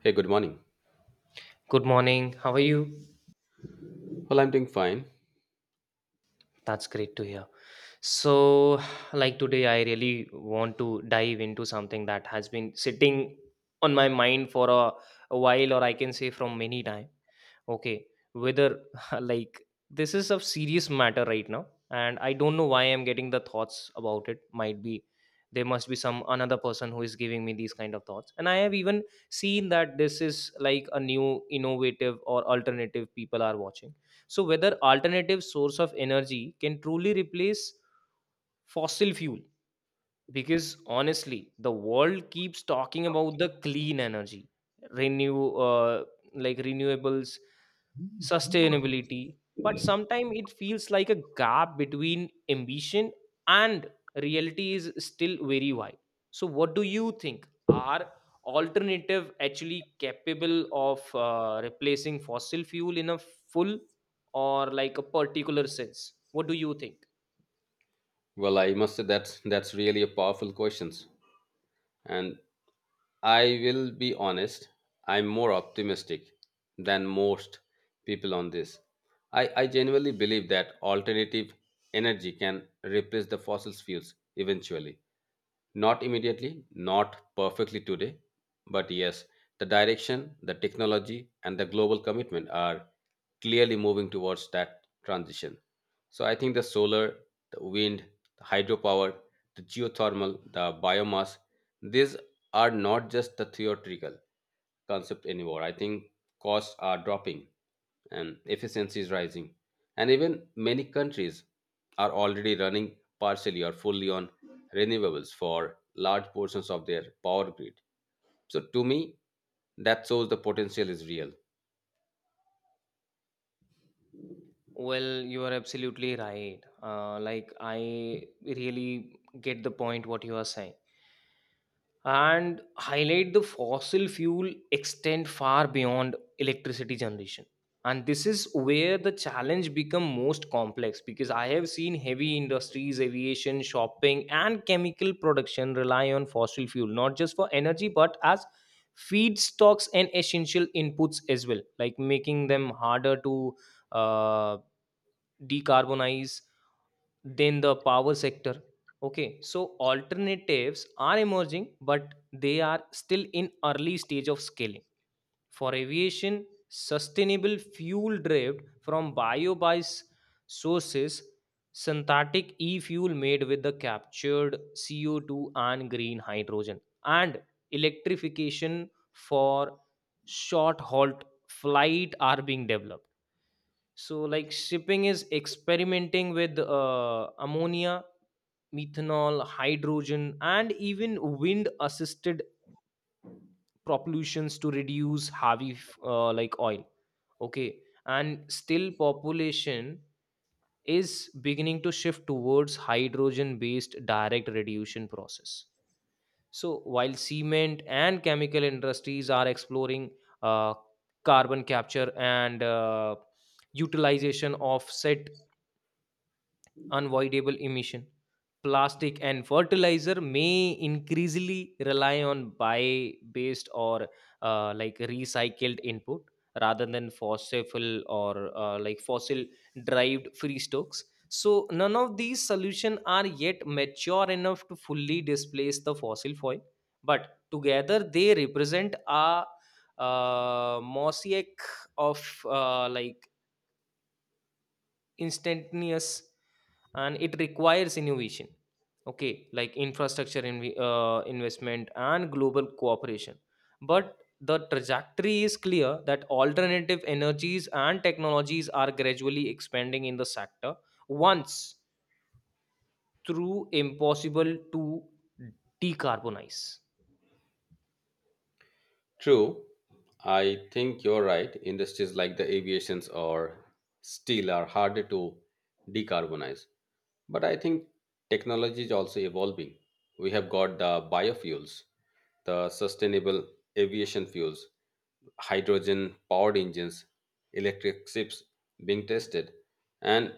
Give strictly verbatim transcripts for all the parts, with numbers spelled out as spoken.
Hey, good morning. Good morning. How are you? Well, I'm doing fine. That's great to hear. So, like today, I really want to dive into something that has been sitting on my mind for a, a while, or I can say from many time. Okay, whether like this is a serious matter right now, and I don't know why I'm getting the thoughts about it. Might be there must be some another person who is giving me these kind of thoughts, and I have even seen that this is like a new innovative or alternative people are watching. So whether alternative source of energy can truly replace fossil fuel, because honestly, the world keeps talking about the clean energy, renew uh, like renewables, sustainability, but sometimes it feels like a gap between ambition and reality is still very wide. So, what do you think? Are alternative actually capable of uh, replacing fossil fuel in a full or like a particular sense? What do you think? Well, I must say that's that's really a powerful questions. And I will be honest, I'm more optimistic than most people on this. I, I genuinely believe that alternative energy can replace the fossil fuels eventually. Not immediately, not perfectly today, but yes, the direction, the technology, and the global commitment are clearly moving towards that transition. So I think the solar, the wind, the hydropower, the geothermal, the biomass, these are not just the theoretical concept anymore. I think costs are dropping and efficiency is rising. And even many countries are already running partially or fully on renewables for large portions of their power grid. So, to me, that shows the potential is real. Well, you are absolutely right. Uh, like, I really get the point what you are saying, and highlight the fossil fuel extend far beyond electricity generation. And this is where the challenge become most complex, because I have seen heavy industries, aviation, shopping and chemical production rely on fossil fuel not just for energy but as feedstocks and essential inputs as well, like making them harder to uh, decarbonize than the power sector. Okay, so alternatives are emerging, but they are still in early stage of scaling. For aviation, sustainable fuel derived from bio-based sources, synthetic e-fuel made with the captured C O two and green hydrogen, and electrification for short-haul flight are being developed. So, like shipping is experimenting with uh, ammonia, methanol, hydrogen, and even wind assisted propulsions to reduce heavy uh, like oil. Okay, and still population is beginning to shift towards hydrogen based direct reduction process. So while cement and chemical industries are exploring uh, carbon capture and uh, utilization of set unavoidable emission. Plastic and fertilizer may increasingly rely on bio-based or uh, like recycled input rather than fossil or uh, like fossil-derived free stocks. So none of these solutions are yet mature enough to fully displace the fossil fuel, but together they represent a uh, mosaic of uh, like instantaneous, and it requires innovation, okay, like infrastructure inv- uh, investment and global cooperation. But the trajectory is clear that alternative energies and technologies are gradually expanding in the sector once through impossible to decarbonize. True, I think you're right. Industries like the aviations or steel are harder to decarbonize. But I think technology is also evolving. We have got the biofuels, the sustainable aviation fuels, hydrogen powered engines, electric ships being tested, and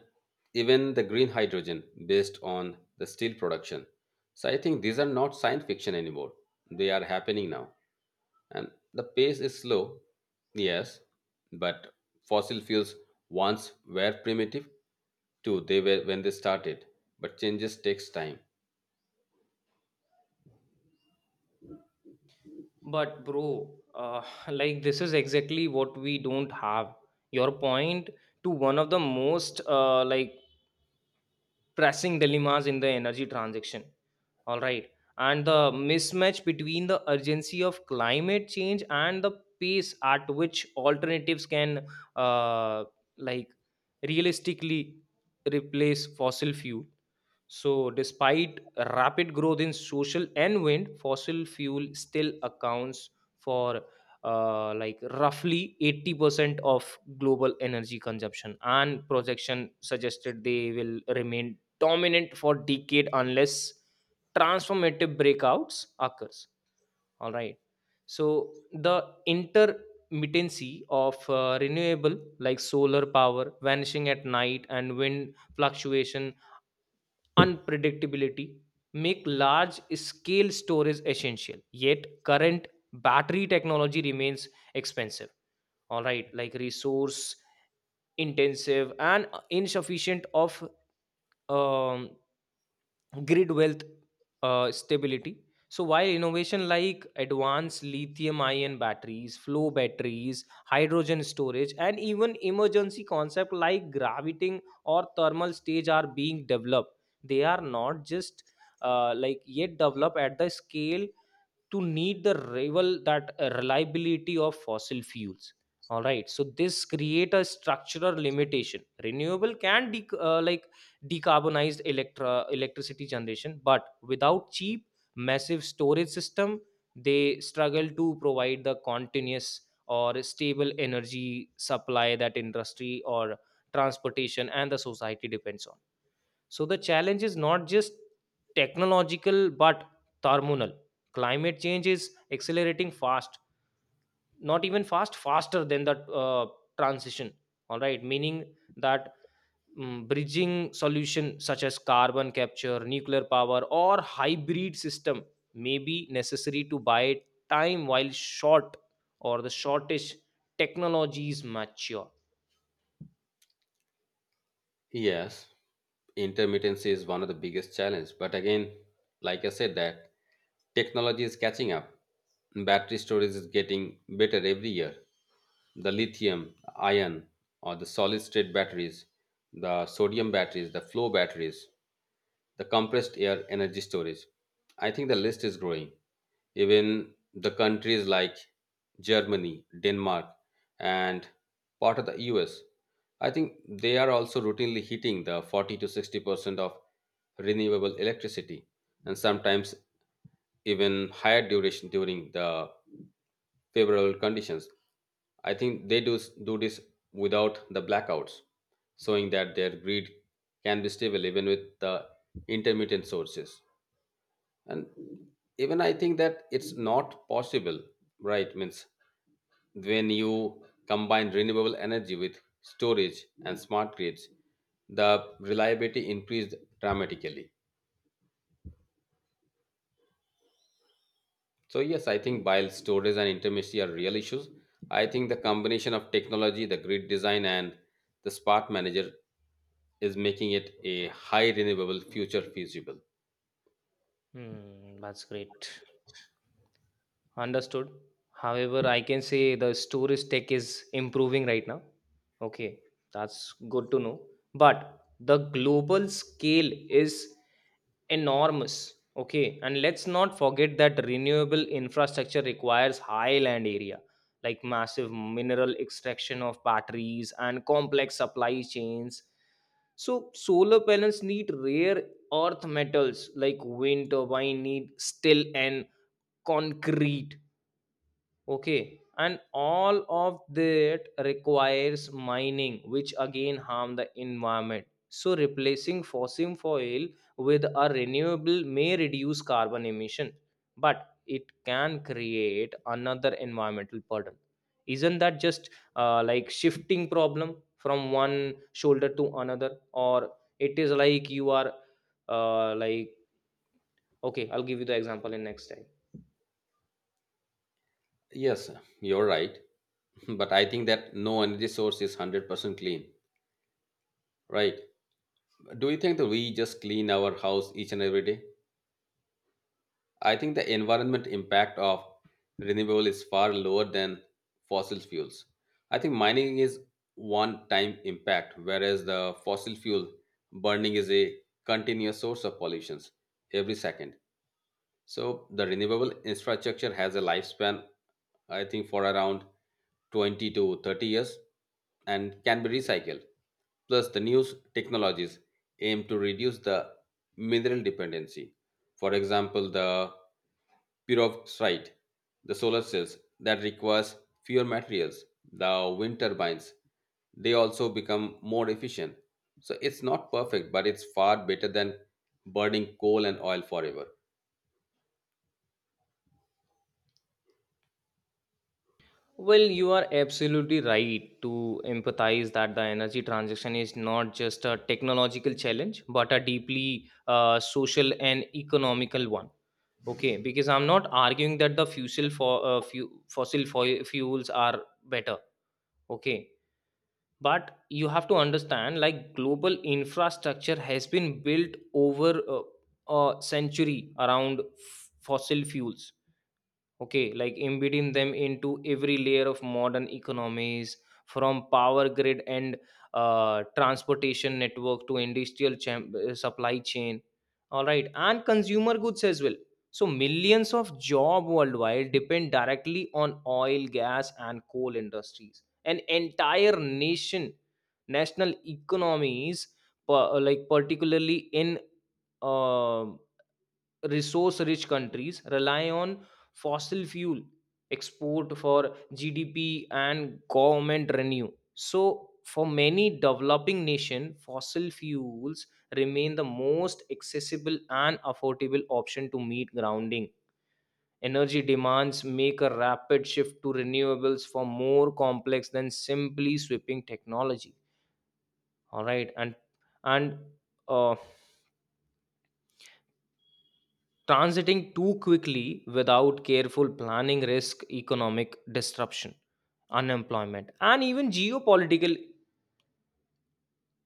even the green hydrogen based on the steel production. So I think these are not science fiction anymore. They are happening now and the pace is slow, yes, but fossil fuels once were primitive too, they were when they started, but changes takes time. But bro, uh, like this is exactly what we don't have. Your point to one of the most uh, like pressing dilemmas in the energy transition. All right. And the mismatch between the urgency of climate change and the pace at which alternatives can, uh, like, realistically replace fossil fuel. So, despite rapid growth in social and wind, fossil fuel still accounts for uh, like roughly eighty percent of global energy consumption, and projection suggested they will remain dominant for decade unless transformative breakouts occurs. All right, so the intermittency of uh, renewable, like solar power vanishing at night and wind fluctuation unpredictability, make large scale storage essential, yet current battery technology remains expensive, all right, like resource intensive and insufficient of um, grid wealth uh, stability. So while innovation like advanced lithium-ion batteries, flow batteries, hydrogen storage, and even emergency concept like gravitating or thermal stage are being developed, they are not just uh, like yet developed at the scale to need the rival that uh, reliability of fossil fuels. All right, so this create a structural limitation. Renewable can de- uh, like decarbonized electra- electricity generation, but without cheap massive storage system, they struggle to provide the continuous or stable energy supply that industry or transportation and the society depends on. So the challenge is not just technological but thermal. Climate change is accelerating fast, not even fast, faster than the uh, transition. All right, meaning that mm, bridging solution such as carbon capture, nuclear power, or hybrid system may be necessary to buy time while short or the shortish technologies mature. Yes, intermittency is one of the biggest challenge, but again, like I said that technology is catching up. Battery storage is getting better every year. The lithium ion or the solid state batteries, the sodium batteries, the flow batteries, the compressed air energy storage. I think the list is growing. Even the countries like Germany, Denmark, and part of the U S, I think they are also routinely hitting the forty to sixty percent of renewable electricity and sometimes even higher duration during the favorable conditions. I think they do, do this without the blackouts, showing that their grid can be stable even with the intermittent sources. And even I think that it's not possible, right? Means when you combine renewable energy with storage and smart grids, the reliability increased dramatically. So yes, I think while storage and intermittency are real issues, I think the combination of technology, the grid design, and the smart manager is making it a high renewable future feasible. Hmm, that's great. Understood. However, I can say the storage tech is improving right now. Okay, that's good to know. But the global scale is enormous. Okay, and let's not forget that renewable infrastructure requires high land area, like massive mineral extraction of batteries and complex supply chains. So solar panels need rare earth metals, like wind turbine need steel and concrete. Okay, and all of that requires mining, which again harm the environment. So replacing fossil fuel with a renewable may reduce carbon emission, but it can create another environmental burden. Isn't that just uh, like shifting problem from one shoulder to another, or it is like you are uh, like okay, I'll give you the example in next time. Yes, you're right, but I think that no energy source is one hundred percent clean, right? Do you think that we just clean our house each and every day? I think the environment impact of renewable is far lower than fossil fuels. I think mining is one time impact, whereas the fossil fuel burning is a continuous source of pollutions every second. So the renewable infrastructure has a lifespan, I think, for around twenty to thirty years and can be recycled. Plus, the new technologies aim to reduce the mineral dependency. For example, the perovskite, the solar cells that requires fewer materials, the wind turbines, they also become more efficient. So it's not perfect, but it's far better than burning coal and oil forever. Well, you are absolutely right to empathize that the energy transition is not just a technological challenge, but a deeply uh, social and economical one. Okay, because I'm not arguing that the fossil for uh, fu- fossil fo- fuels are better. Okay, but you have to understand, like global infrastructure has been built over uh, a century around f- fossil fuels, okay, like embedding them into every layer of modern economies, from power grid and uh, transportation network to industrial cham- uh, supply chain, all right, and consumer goods as well. So millions of job worldwide depend directly on oil, gas and coal industries. An entire nation national economies, per- like particularly in um resource rich countries rely on fossil fuel export for G D P and government revenue. So, for many developing nations, fossil fuels remain the most accessible and affordable option to meet grounding. Energy demands make a rapid shift to renewables for more complex than simply sweeping technology. All right, and and uh, transiting too quickly without careful planning risk economic disruption, unemployment, and even geopolitical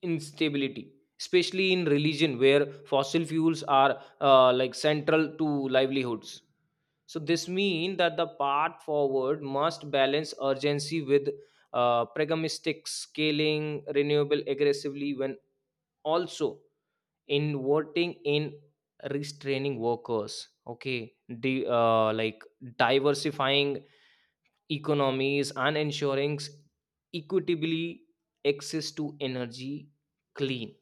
instability, especially in religion where fossil fuels are uh, like central to livelihoods. So this means that the path forward must balance urgency with uh, pragmatic scaling renewable aggressively, when also in voting, in restraining workers, okay, the uh, like diversifying economies and ensuring equitably access to energy clean.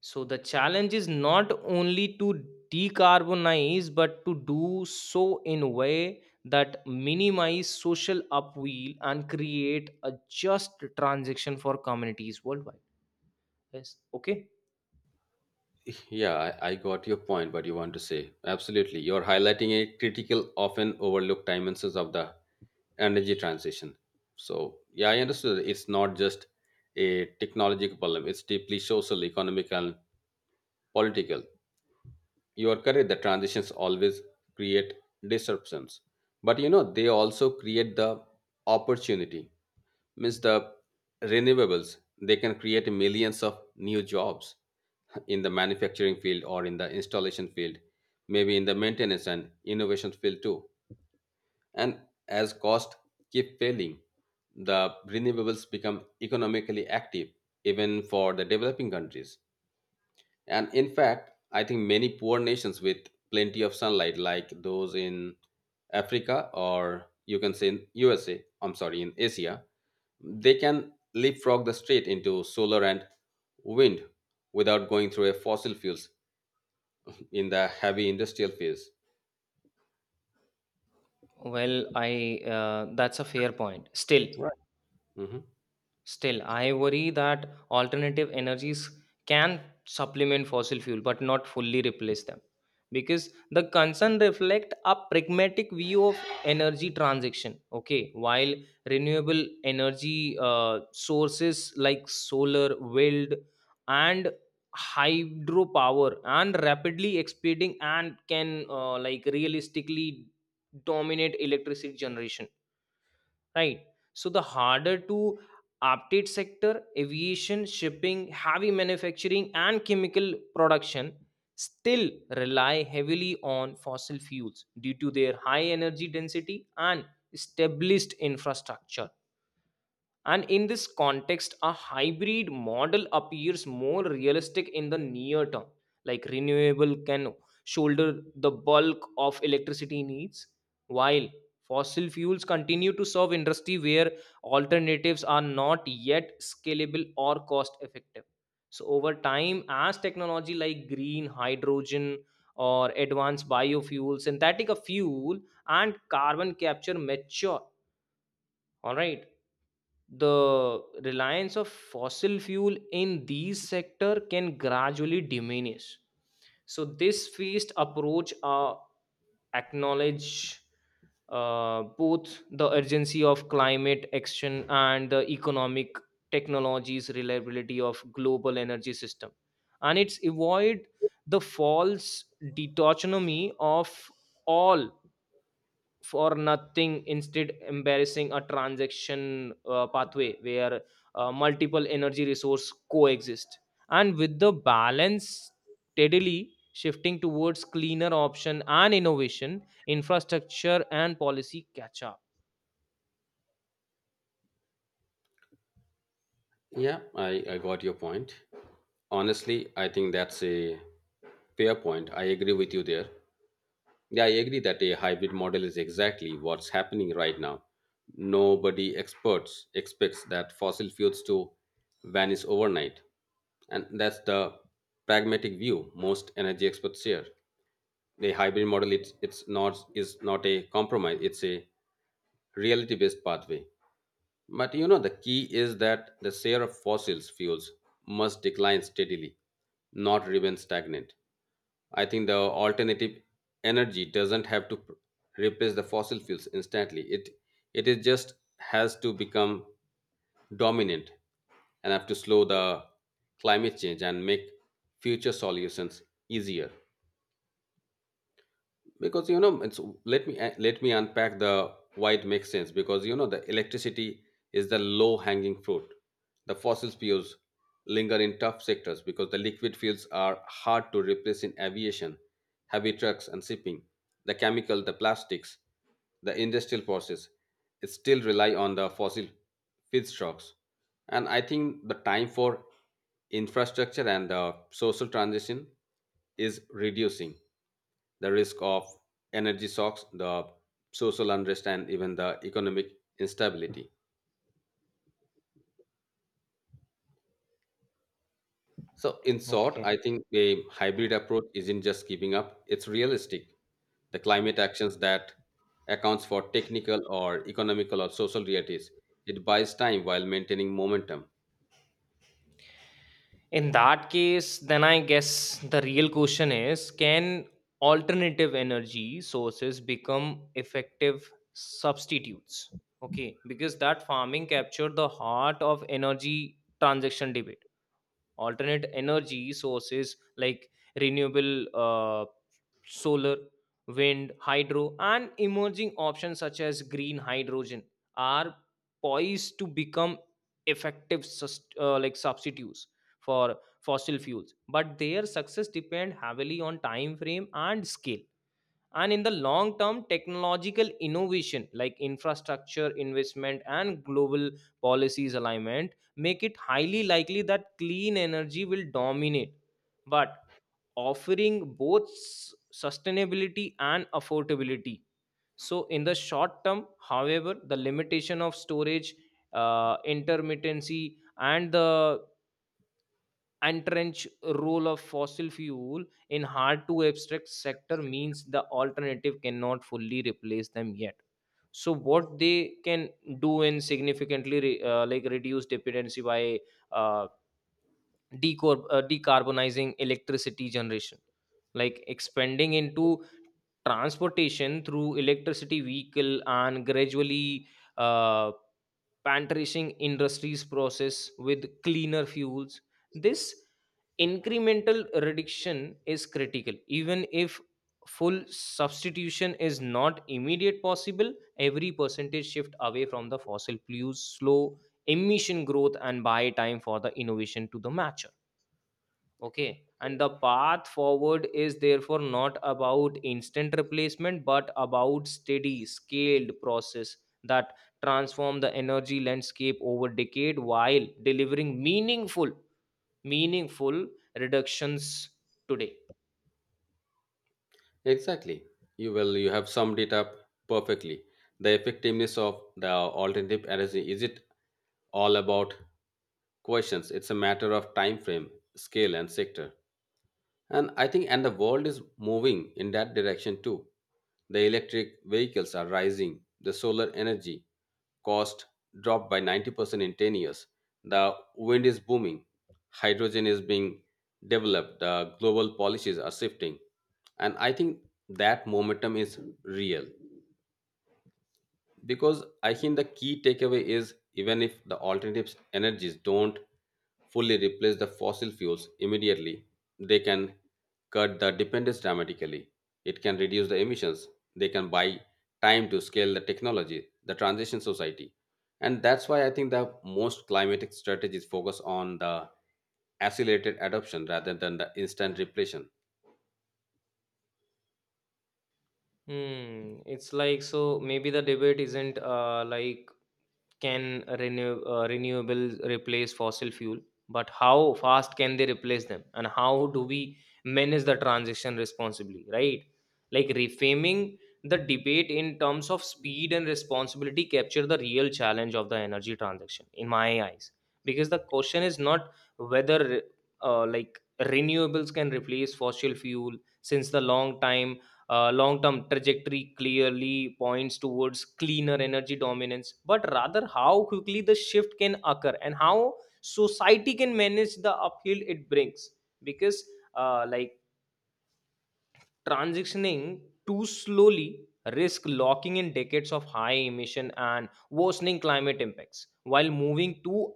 So the challenge is not only to decarbonize but to do so in a way that minimize social upheaval and create a just transition for communities worldwide. Yes, okay. Yeah, I, I got your point, what you want to say. Absolutely. You're highlighting a critical, often overlooked dimensions of the energy transition. So, yeah, I understood that It's not just a technological problem, it's deeply social, economic, and political. You are correct. The transitions always create disruptions. But, you know, they also create the opportunity. Means the renewables, they can create millions of new jobs in the manufacturing field or in the installation field, maybe in the maintenance and innovation field too. And as costs keep failing, the renewables become economically active even for the developing countries. And in fact, I think many poor nations with plenty of sunlight, like those in Africa or you can say in U S A, I'm sorry, in Asia, they can leapfrog the straight into solar and wind without going through a fossil fuels in the heavy industrial phase. Well, I uh, that's a fair point. Still, Right. Hmm. still, I worry that alternative energies can supplement fossil fuel but not fully replace them, because the concern reflect a pragmatic view of energy transition. Okay, while renewable energy uh, sources like solar, wind, and hydropower and rapidly expanding and can uh, like realistically dominate electricity generation, right? So the harder to update sector, aviation, shipping, heavy manufacturing, and chemical production still rely heavily on fossil fuels due to their high energy density and established infrastructure. And in this context, a hybrid model appears more realistic in the near term. Like renewable can shoulder the bulk of electricity needs, while fossil fuels continue to serve industry where alternatives are not yet scalable or cost effective. So, over time, as technology like green hydrogen or advanced biofuels, synthetic fuel, and carbon capture mature, all right, the reliance of fossil fuel in these sector can gradually diminish. So this phased approach uh, acknowledge uh, both the urgency of climate action and the economic technologies reliability of global energy system, and it's avoid the false dichotomy of all for nothing, instead embarrassing a transaction uh, pathway where uh, multiple energy resource coexist, and with the balance steadily shifting towards cleaner option and innovation infrastructure and policy catch up. Yeah, I, I got your point. Honestly, I think that's a fair point. I agree with you there. Yeah, I agree that a hybrid model is exactly what's happening right now. Nobody experts expects that fossil fuels to vanish overnight. And that's the pragmatic view most energy experts share. The hybrid model it's, it's not is not a compromise, it's a reality based pathway. But you know, the key is that the share of fossil fuels must decline steadily, not remain stagnant. I think the alternative energy doesn't have to pr- replace the fossil fuels instantly. It it is just has to become dominant and have to slow the climate change and make future solutions easier. Because you know it's let me let me unpack the why it makes sense because you know the electricity is the low hanging fruit. The fossil fuels linger in tough sectors because the liquid fuels are hard to replace in aviation, heavy trucks and shipping. The chemical, the plastics, the industrial process, it still rely on the fossil feedstocks. And I think the time for infrastructure and the social transition is reducing the risk of energy shocks, the social unrest, and even the economic instability. So, in short, Okay. I think a hybrid approach isn't just keeping up, it's realistic. The climate actions that accounts for technical or economical or social realities, it buys time while maintaining momentum. In that case, then I guess the real question is, can alternative energy sources become effective substitutes? Okay, because that farming captured the heart of energy transaction debate. Alternate energy sources like renewable uh, solar, wind, hydro, and emerging options such as green hydrogen are poised to become effective sust- uh, like substitutes for fossil fuels, but their success depend heavily on time frame and scale. And in the long term, technological innovation like infrastructure investment and global policies alignment make it highly likely that clean energy will dominate, but offering both s- sustainability and affordability. So in the short term, however, the limitation of storage, uh, intermittency and the entrenched role of fossil fuel in hard to abstract sector means the alternative cannot fully replace them yet. So what they can do in significantly re- uh, like reduce dependency by uh, decor- uh, decarbonizing electricity generation, like expanding into transportation through electricity vehicle and gradually uh, pantishing industries process with cleaner fuels. This incremental reduction is critical even if full substitution is not immediate possible. Every percentage shift away from the fossil fuels slow emission growth and buy time for the innovation to the match. Okay, and the path forward is therefore not about instant replacement but about steady, scaled process that transform the energy landscape over decade while delivering meaningful, meaningful reductions today. Exactly. You will you have summed it up perfectly. The effectiveness of the alternative energy is it all about questions. It's a matter of time frame, scale, and sector. And I think and the world is moving in that direction too. The electric vehicles are rising. The solar energy cost dropped by ninety percent in ten years. The wind is booming. Hydrogen is being developed. The global policies are shifting. And I think that momentum is real because I think the key takeaway is even if the alternative energies don't fully replace the fossil fuels immediately, they can cut the dependence dramatically. It can reduce the emissions. They can buy time to scale the technology, the transition society. And that's why I think the most climatic strategies focus on the accelerated adoption rather than the instant repletion. Hmm, it's like so maybe the debate isn't uh, like can renew, uh, renewables replace fossil fuel, but how fast can they replace them, and how do we manage the transition responsibly, right? Like reframing the debate in terms of speed and responsibility capture the real challenge of the energy transition in my eyes, because the question is not whether uh, like renewables can replace fossil fuel. Since the long time, uh, long term trajectory clearly points towards cleaner energy dominance, but rather how quickly the shift can occur and how society can manage the uphill it brings. Because, uh, like, transitioning too slowly risk locking in decades of high emission and worsening climate impacts, while moving too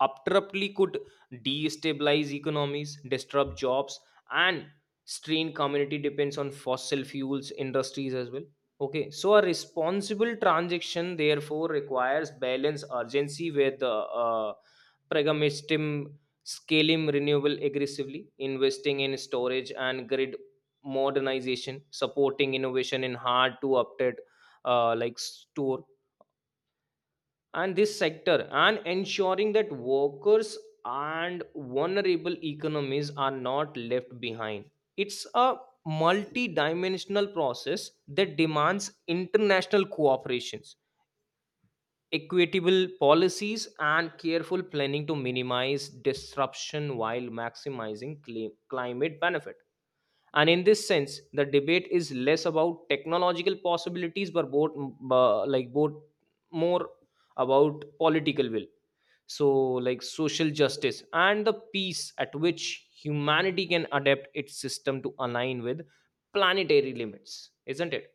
abruptly could destabilize economies, disrupt jobs, and strain community depends on fossil fuels industries as well. Okay, so a responsible transaction therefore requires balance urgency with uh, pragmatism, scaling renewable aggressively, investing in storage and grid modernization, supporting innovation in hard to update uh, like store and this sector, and ensuring that workers and vulnerable economies are not left behind. It's a multi-dimensional process that demands international cooperations, equitable policies, and careful planning to minimize disruption while maximizing cli- climate benefit. And in this sense the debate is less about technological possibilities but both bu- like both more about political will, so like social justice and the pace at which humanity can adapt its system to align with planetary limits, isn't it?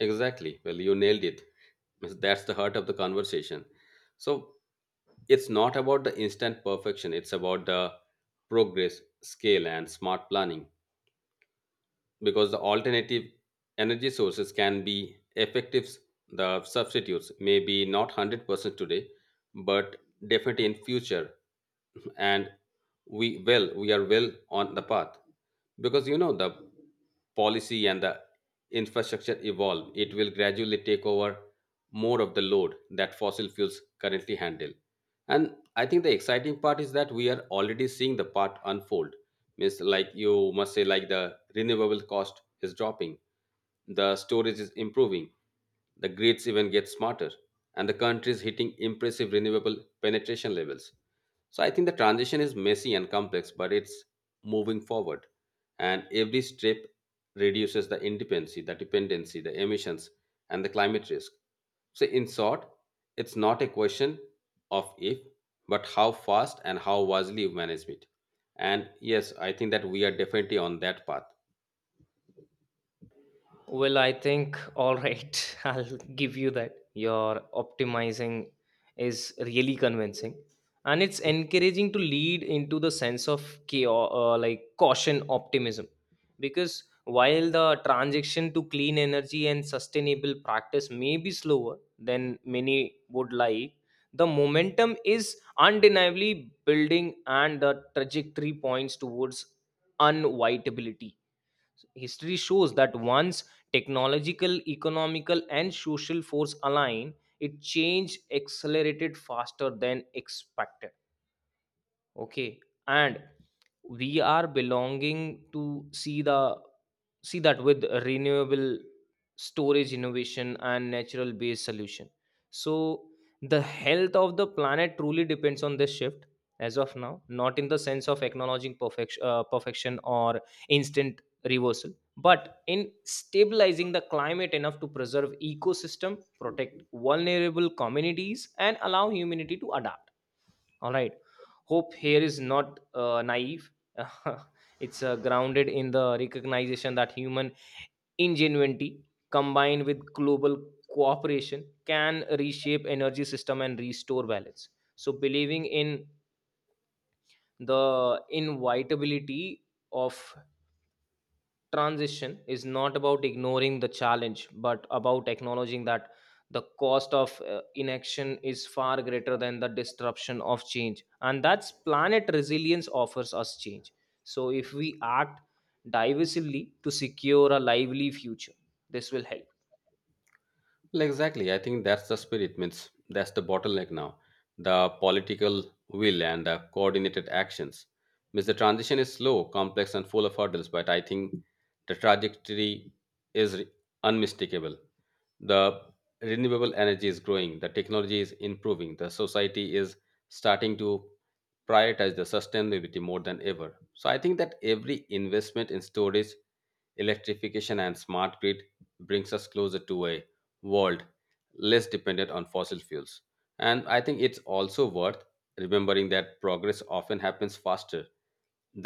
Exactly, well you nailed it. Means that's the heart of the conversation. So it's not about the instant perfection, it's about the progress scale and smart planning. Because the alternative energy sources can be effective, the substitutes may be not one hundred percent today, but definitely in future. And we well we are well on the path because you know the policy and the infrastructure evolve, it will gradually take over more of the load that fossil fuels currently handle. And I think the exciting part is that we are already seeing the part unfold. Means like you must say like the renewable cost is dropping, the storage is improving, the grids even get smarter, and the country is hitting impressive renewable penetration levels. So I think the transition is messy and complex, but it's moving forward. And every step reduces the independency, the dependency, the emissions, and the climate risk. So in short, it's not a question of if, but how fast and how wisely you manage it. And yes, I think that we are definitely on that path. Well, I think, all right, I'll give you that. Your optimizing is really convincing. And it's encouraging to lead into the sense of chaos, uh, like caution optimism. Because while the transition to clean energy and sustainable practice may be slower than many would like, the momentum is undeniably building and the trajectory points towards unavoidability. History shows that once technological, economical, and social force align, it change accelerated faster than expected. Okay, and we are belonging to see the see that with renewable storage innovation and natural based solution. So the health of the planet truly depends on this shift as of now, not in the sense of acknowledging perfection, uh, perfection or instant reversal, but in stabilizing the climate enough to preserve ecosystem, protect vulnerable communities, and allow humanity to adapt. All right. Hope here is not uh, naive. It's uh, grounded in the recognition that human ingenuity combined with global cooperation can reshape energy system and restore balance. So believing in the inevitability of transition is not about ignoring the challenge, but about acknowledging that the cost of uh, inaction is far greater than the disruption of change, and that's planet resilience offers us change. So if we act divisively to secure a lively future, this will help. Well, exactly. I think that's the spirit. Means that's the bottleneck now. The political will and the coordinated actions. Means the transition is slow, complex, and full of hurdles. But I think the trajectory is re- unmistakable. The renewable energy is growing, the technology is improving, the society is starting to prioritize the sustainability more than ever. So I think that every investment in storage, electrification and smart grid brings us closer to a world less dependent on fossil fuels. And I think it's also worth remembering that progress often happens faster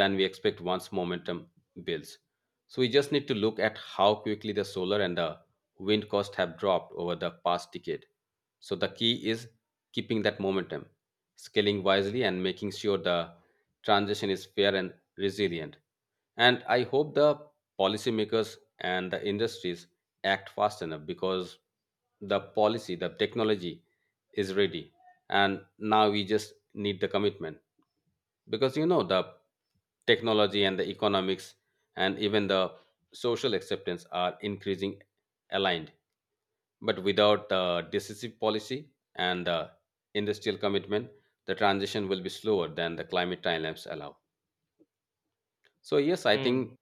than we expect once momentum builds. So we just need to look at how quickly the solar and the wind costs have dropped over the past decade. So the key is keeping that momentum, scaling wisely, and making sure the transition is fair and resilient. And I hope the policymakers and the industries act fast enough because the policy, the technology is ready. And now we just need the commitment because you know the technology and the economics and even the social acceptance are increasing aligned, but without uh, decisive policy and uh, industrial commitment, the transition will be slower than the climate timelines allow. So, yes, I Hmm. think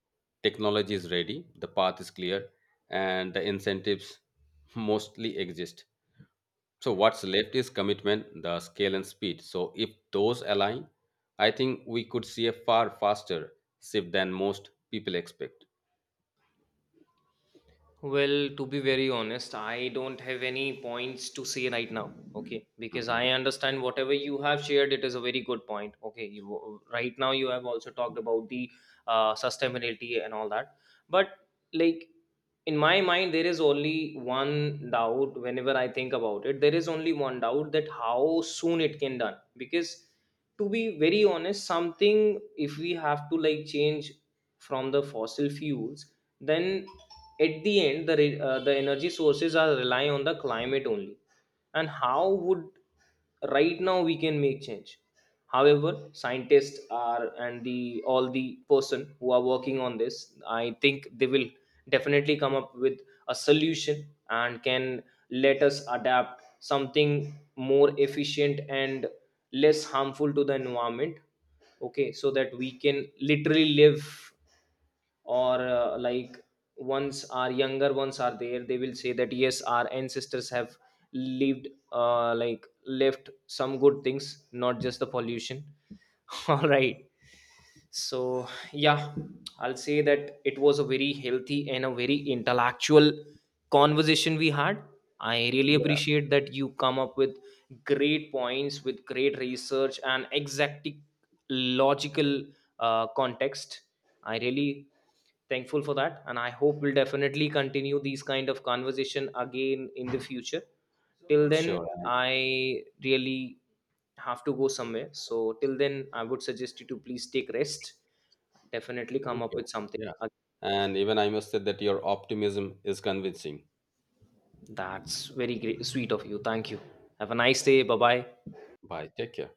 technology is ready, the path is clear, and the incentives mostly exist. So, what's left is commitment, the scale, and speed. So, if those align, I think we could see a far faster shift than most people expect. Well, to be very honest, I don't have any points to say right now. Okay, because Mhm. I understand whatever you have shared, it is a very good point. Okay, you right now you have also talked about the uh, sustainability and all that, but like in my mind, there is only one doubt. Whenever I think about it, there is only one doubt, that how soon it can done, because to be very honest, something, if we have to like change from the fossil fuels, then at the end the re- uh, the energy sources are relying on the climate only, and how would right now we can make change. However, scientists are and the all the person who are working on this, I think they will definitely come up with a solution and can let us adapt something more efficient and less harmful to the environment. Okay, so that we can literally live, or uh, like once our younger ones are there, they will say that yes, our ancestors have lived, uh, like left some good things, not just the pollution. All right. So yeah, I'll say that it was a very healthy and a very intellectual conversation we had. I really Yeah, appreciate that you come up with great points with great research and exact logical uh, context. I really thankful for that, and I hope we'll definitely continue these kind of conversation again in the future. Till then, sure. And I really have to go somewhere, so till then I would suggest you to please take rest. Definitely come thank up you. with something. Yeah. And even I must say that your optimism is convincing. That's very great sweet of you, thank you. Have a nice day, bye bye. Bye. Take care.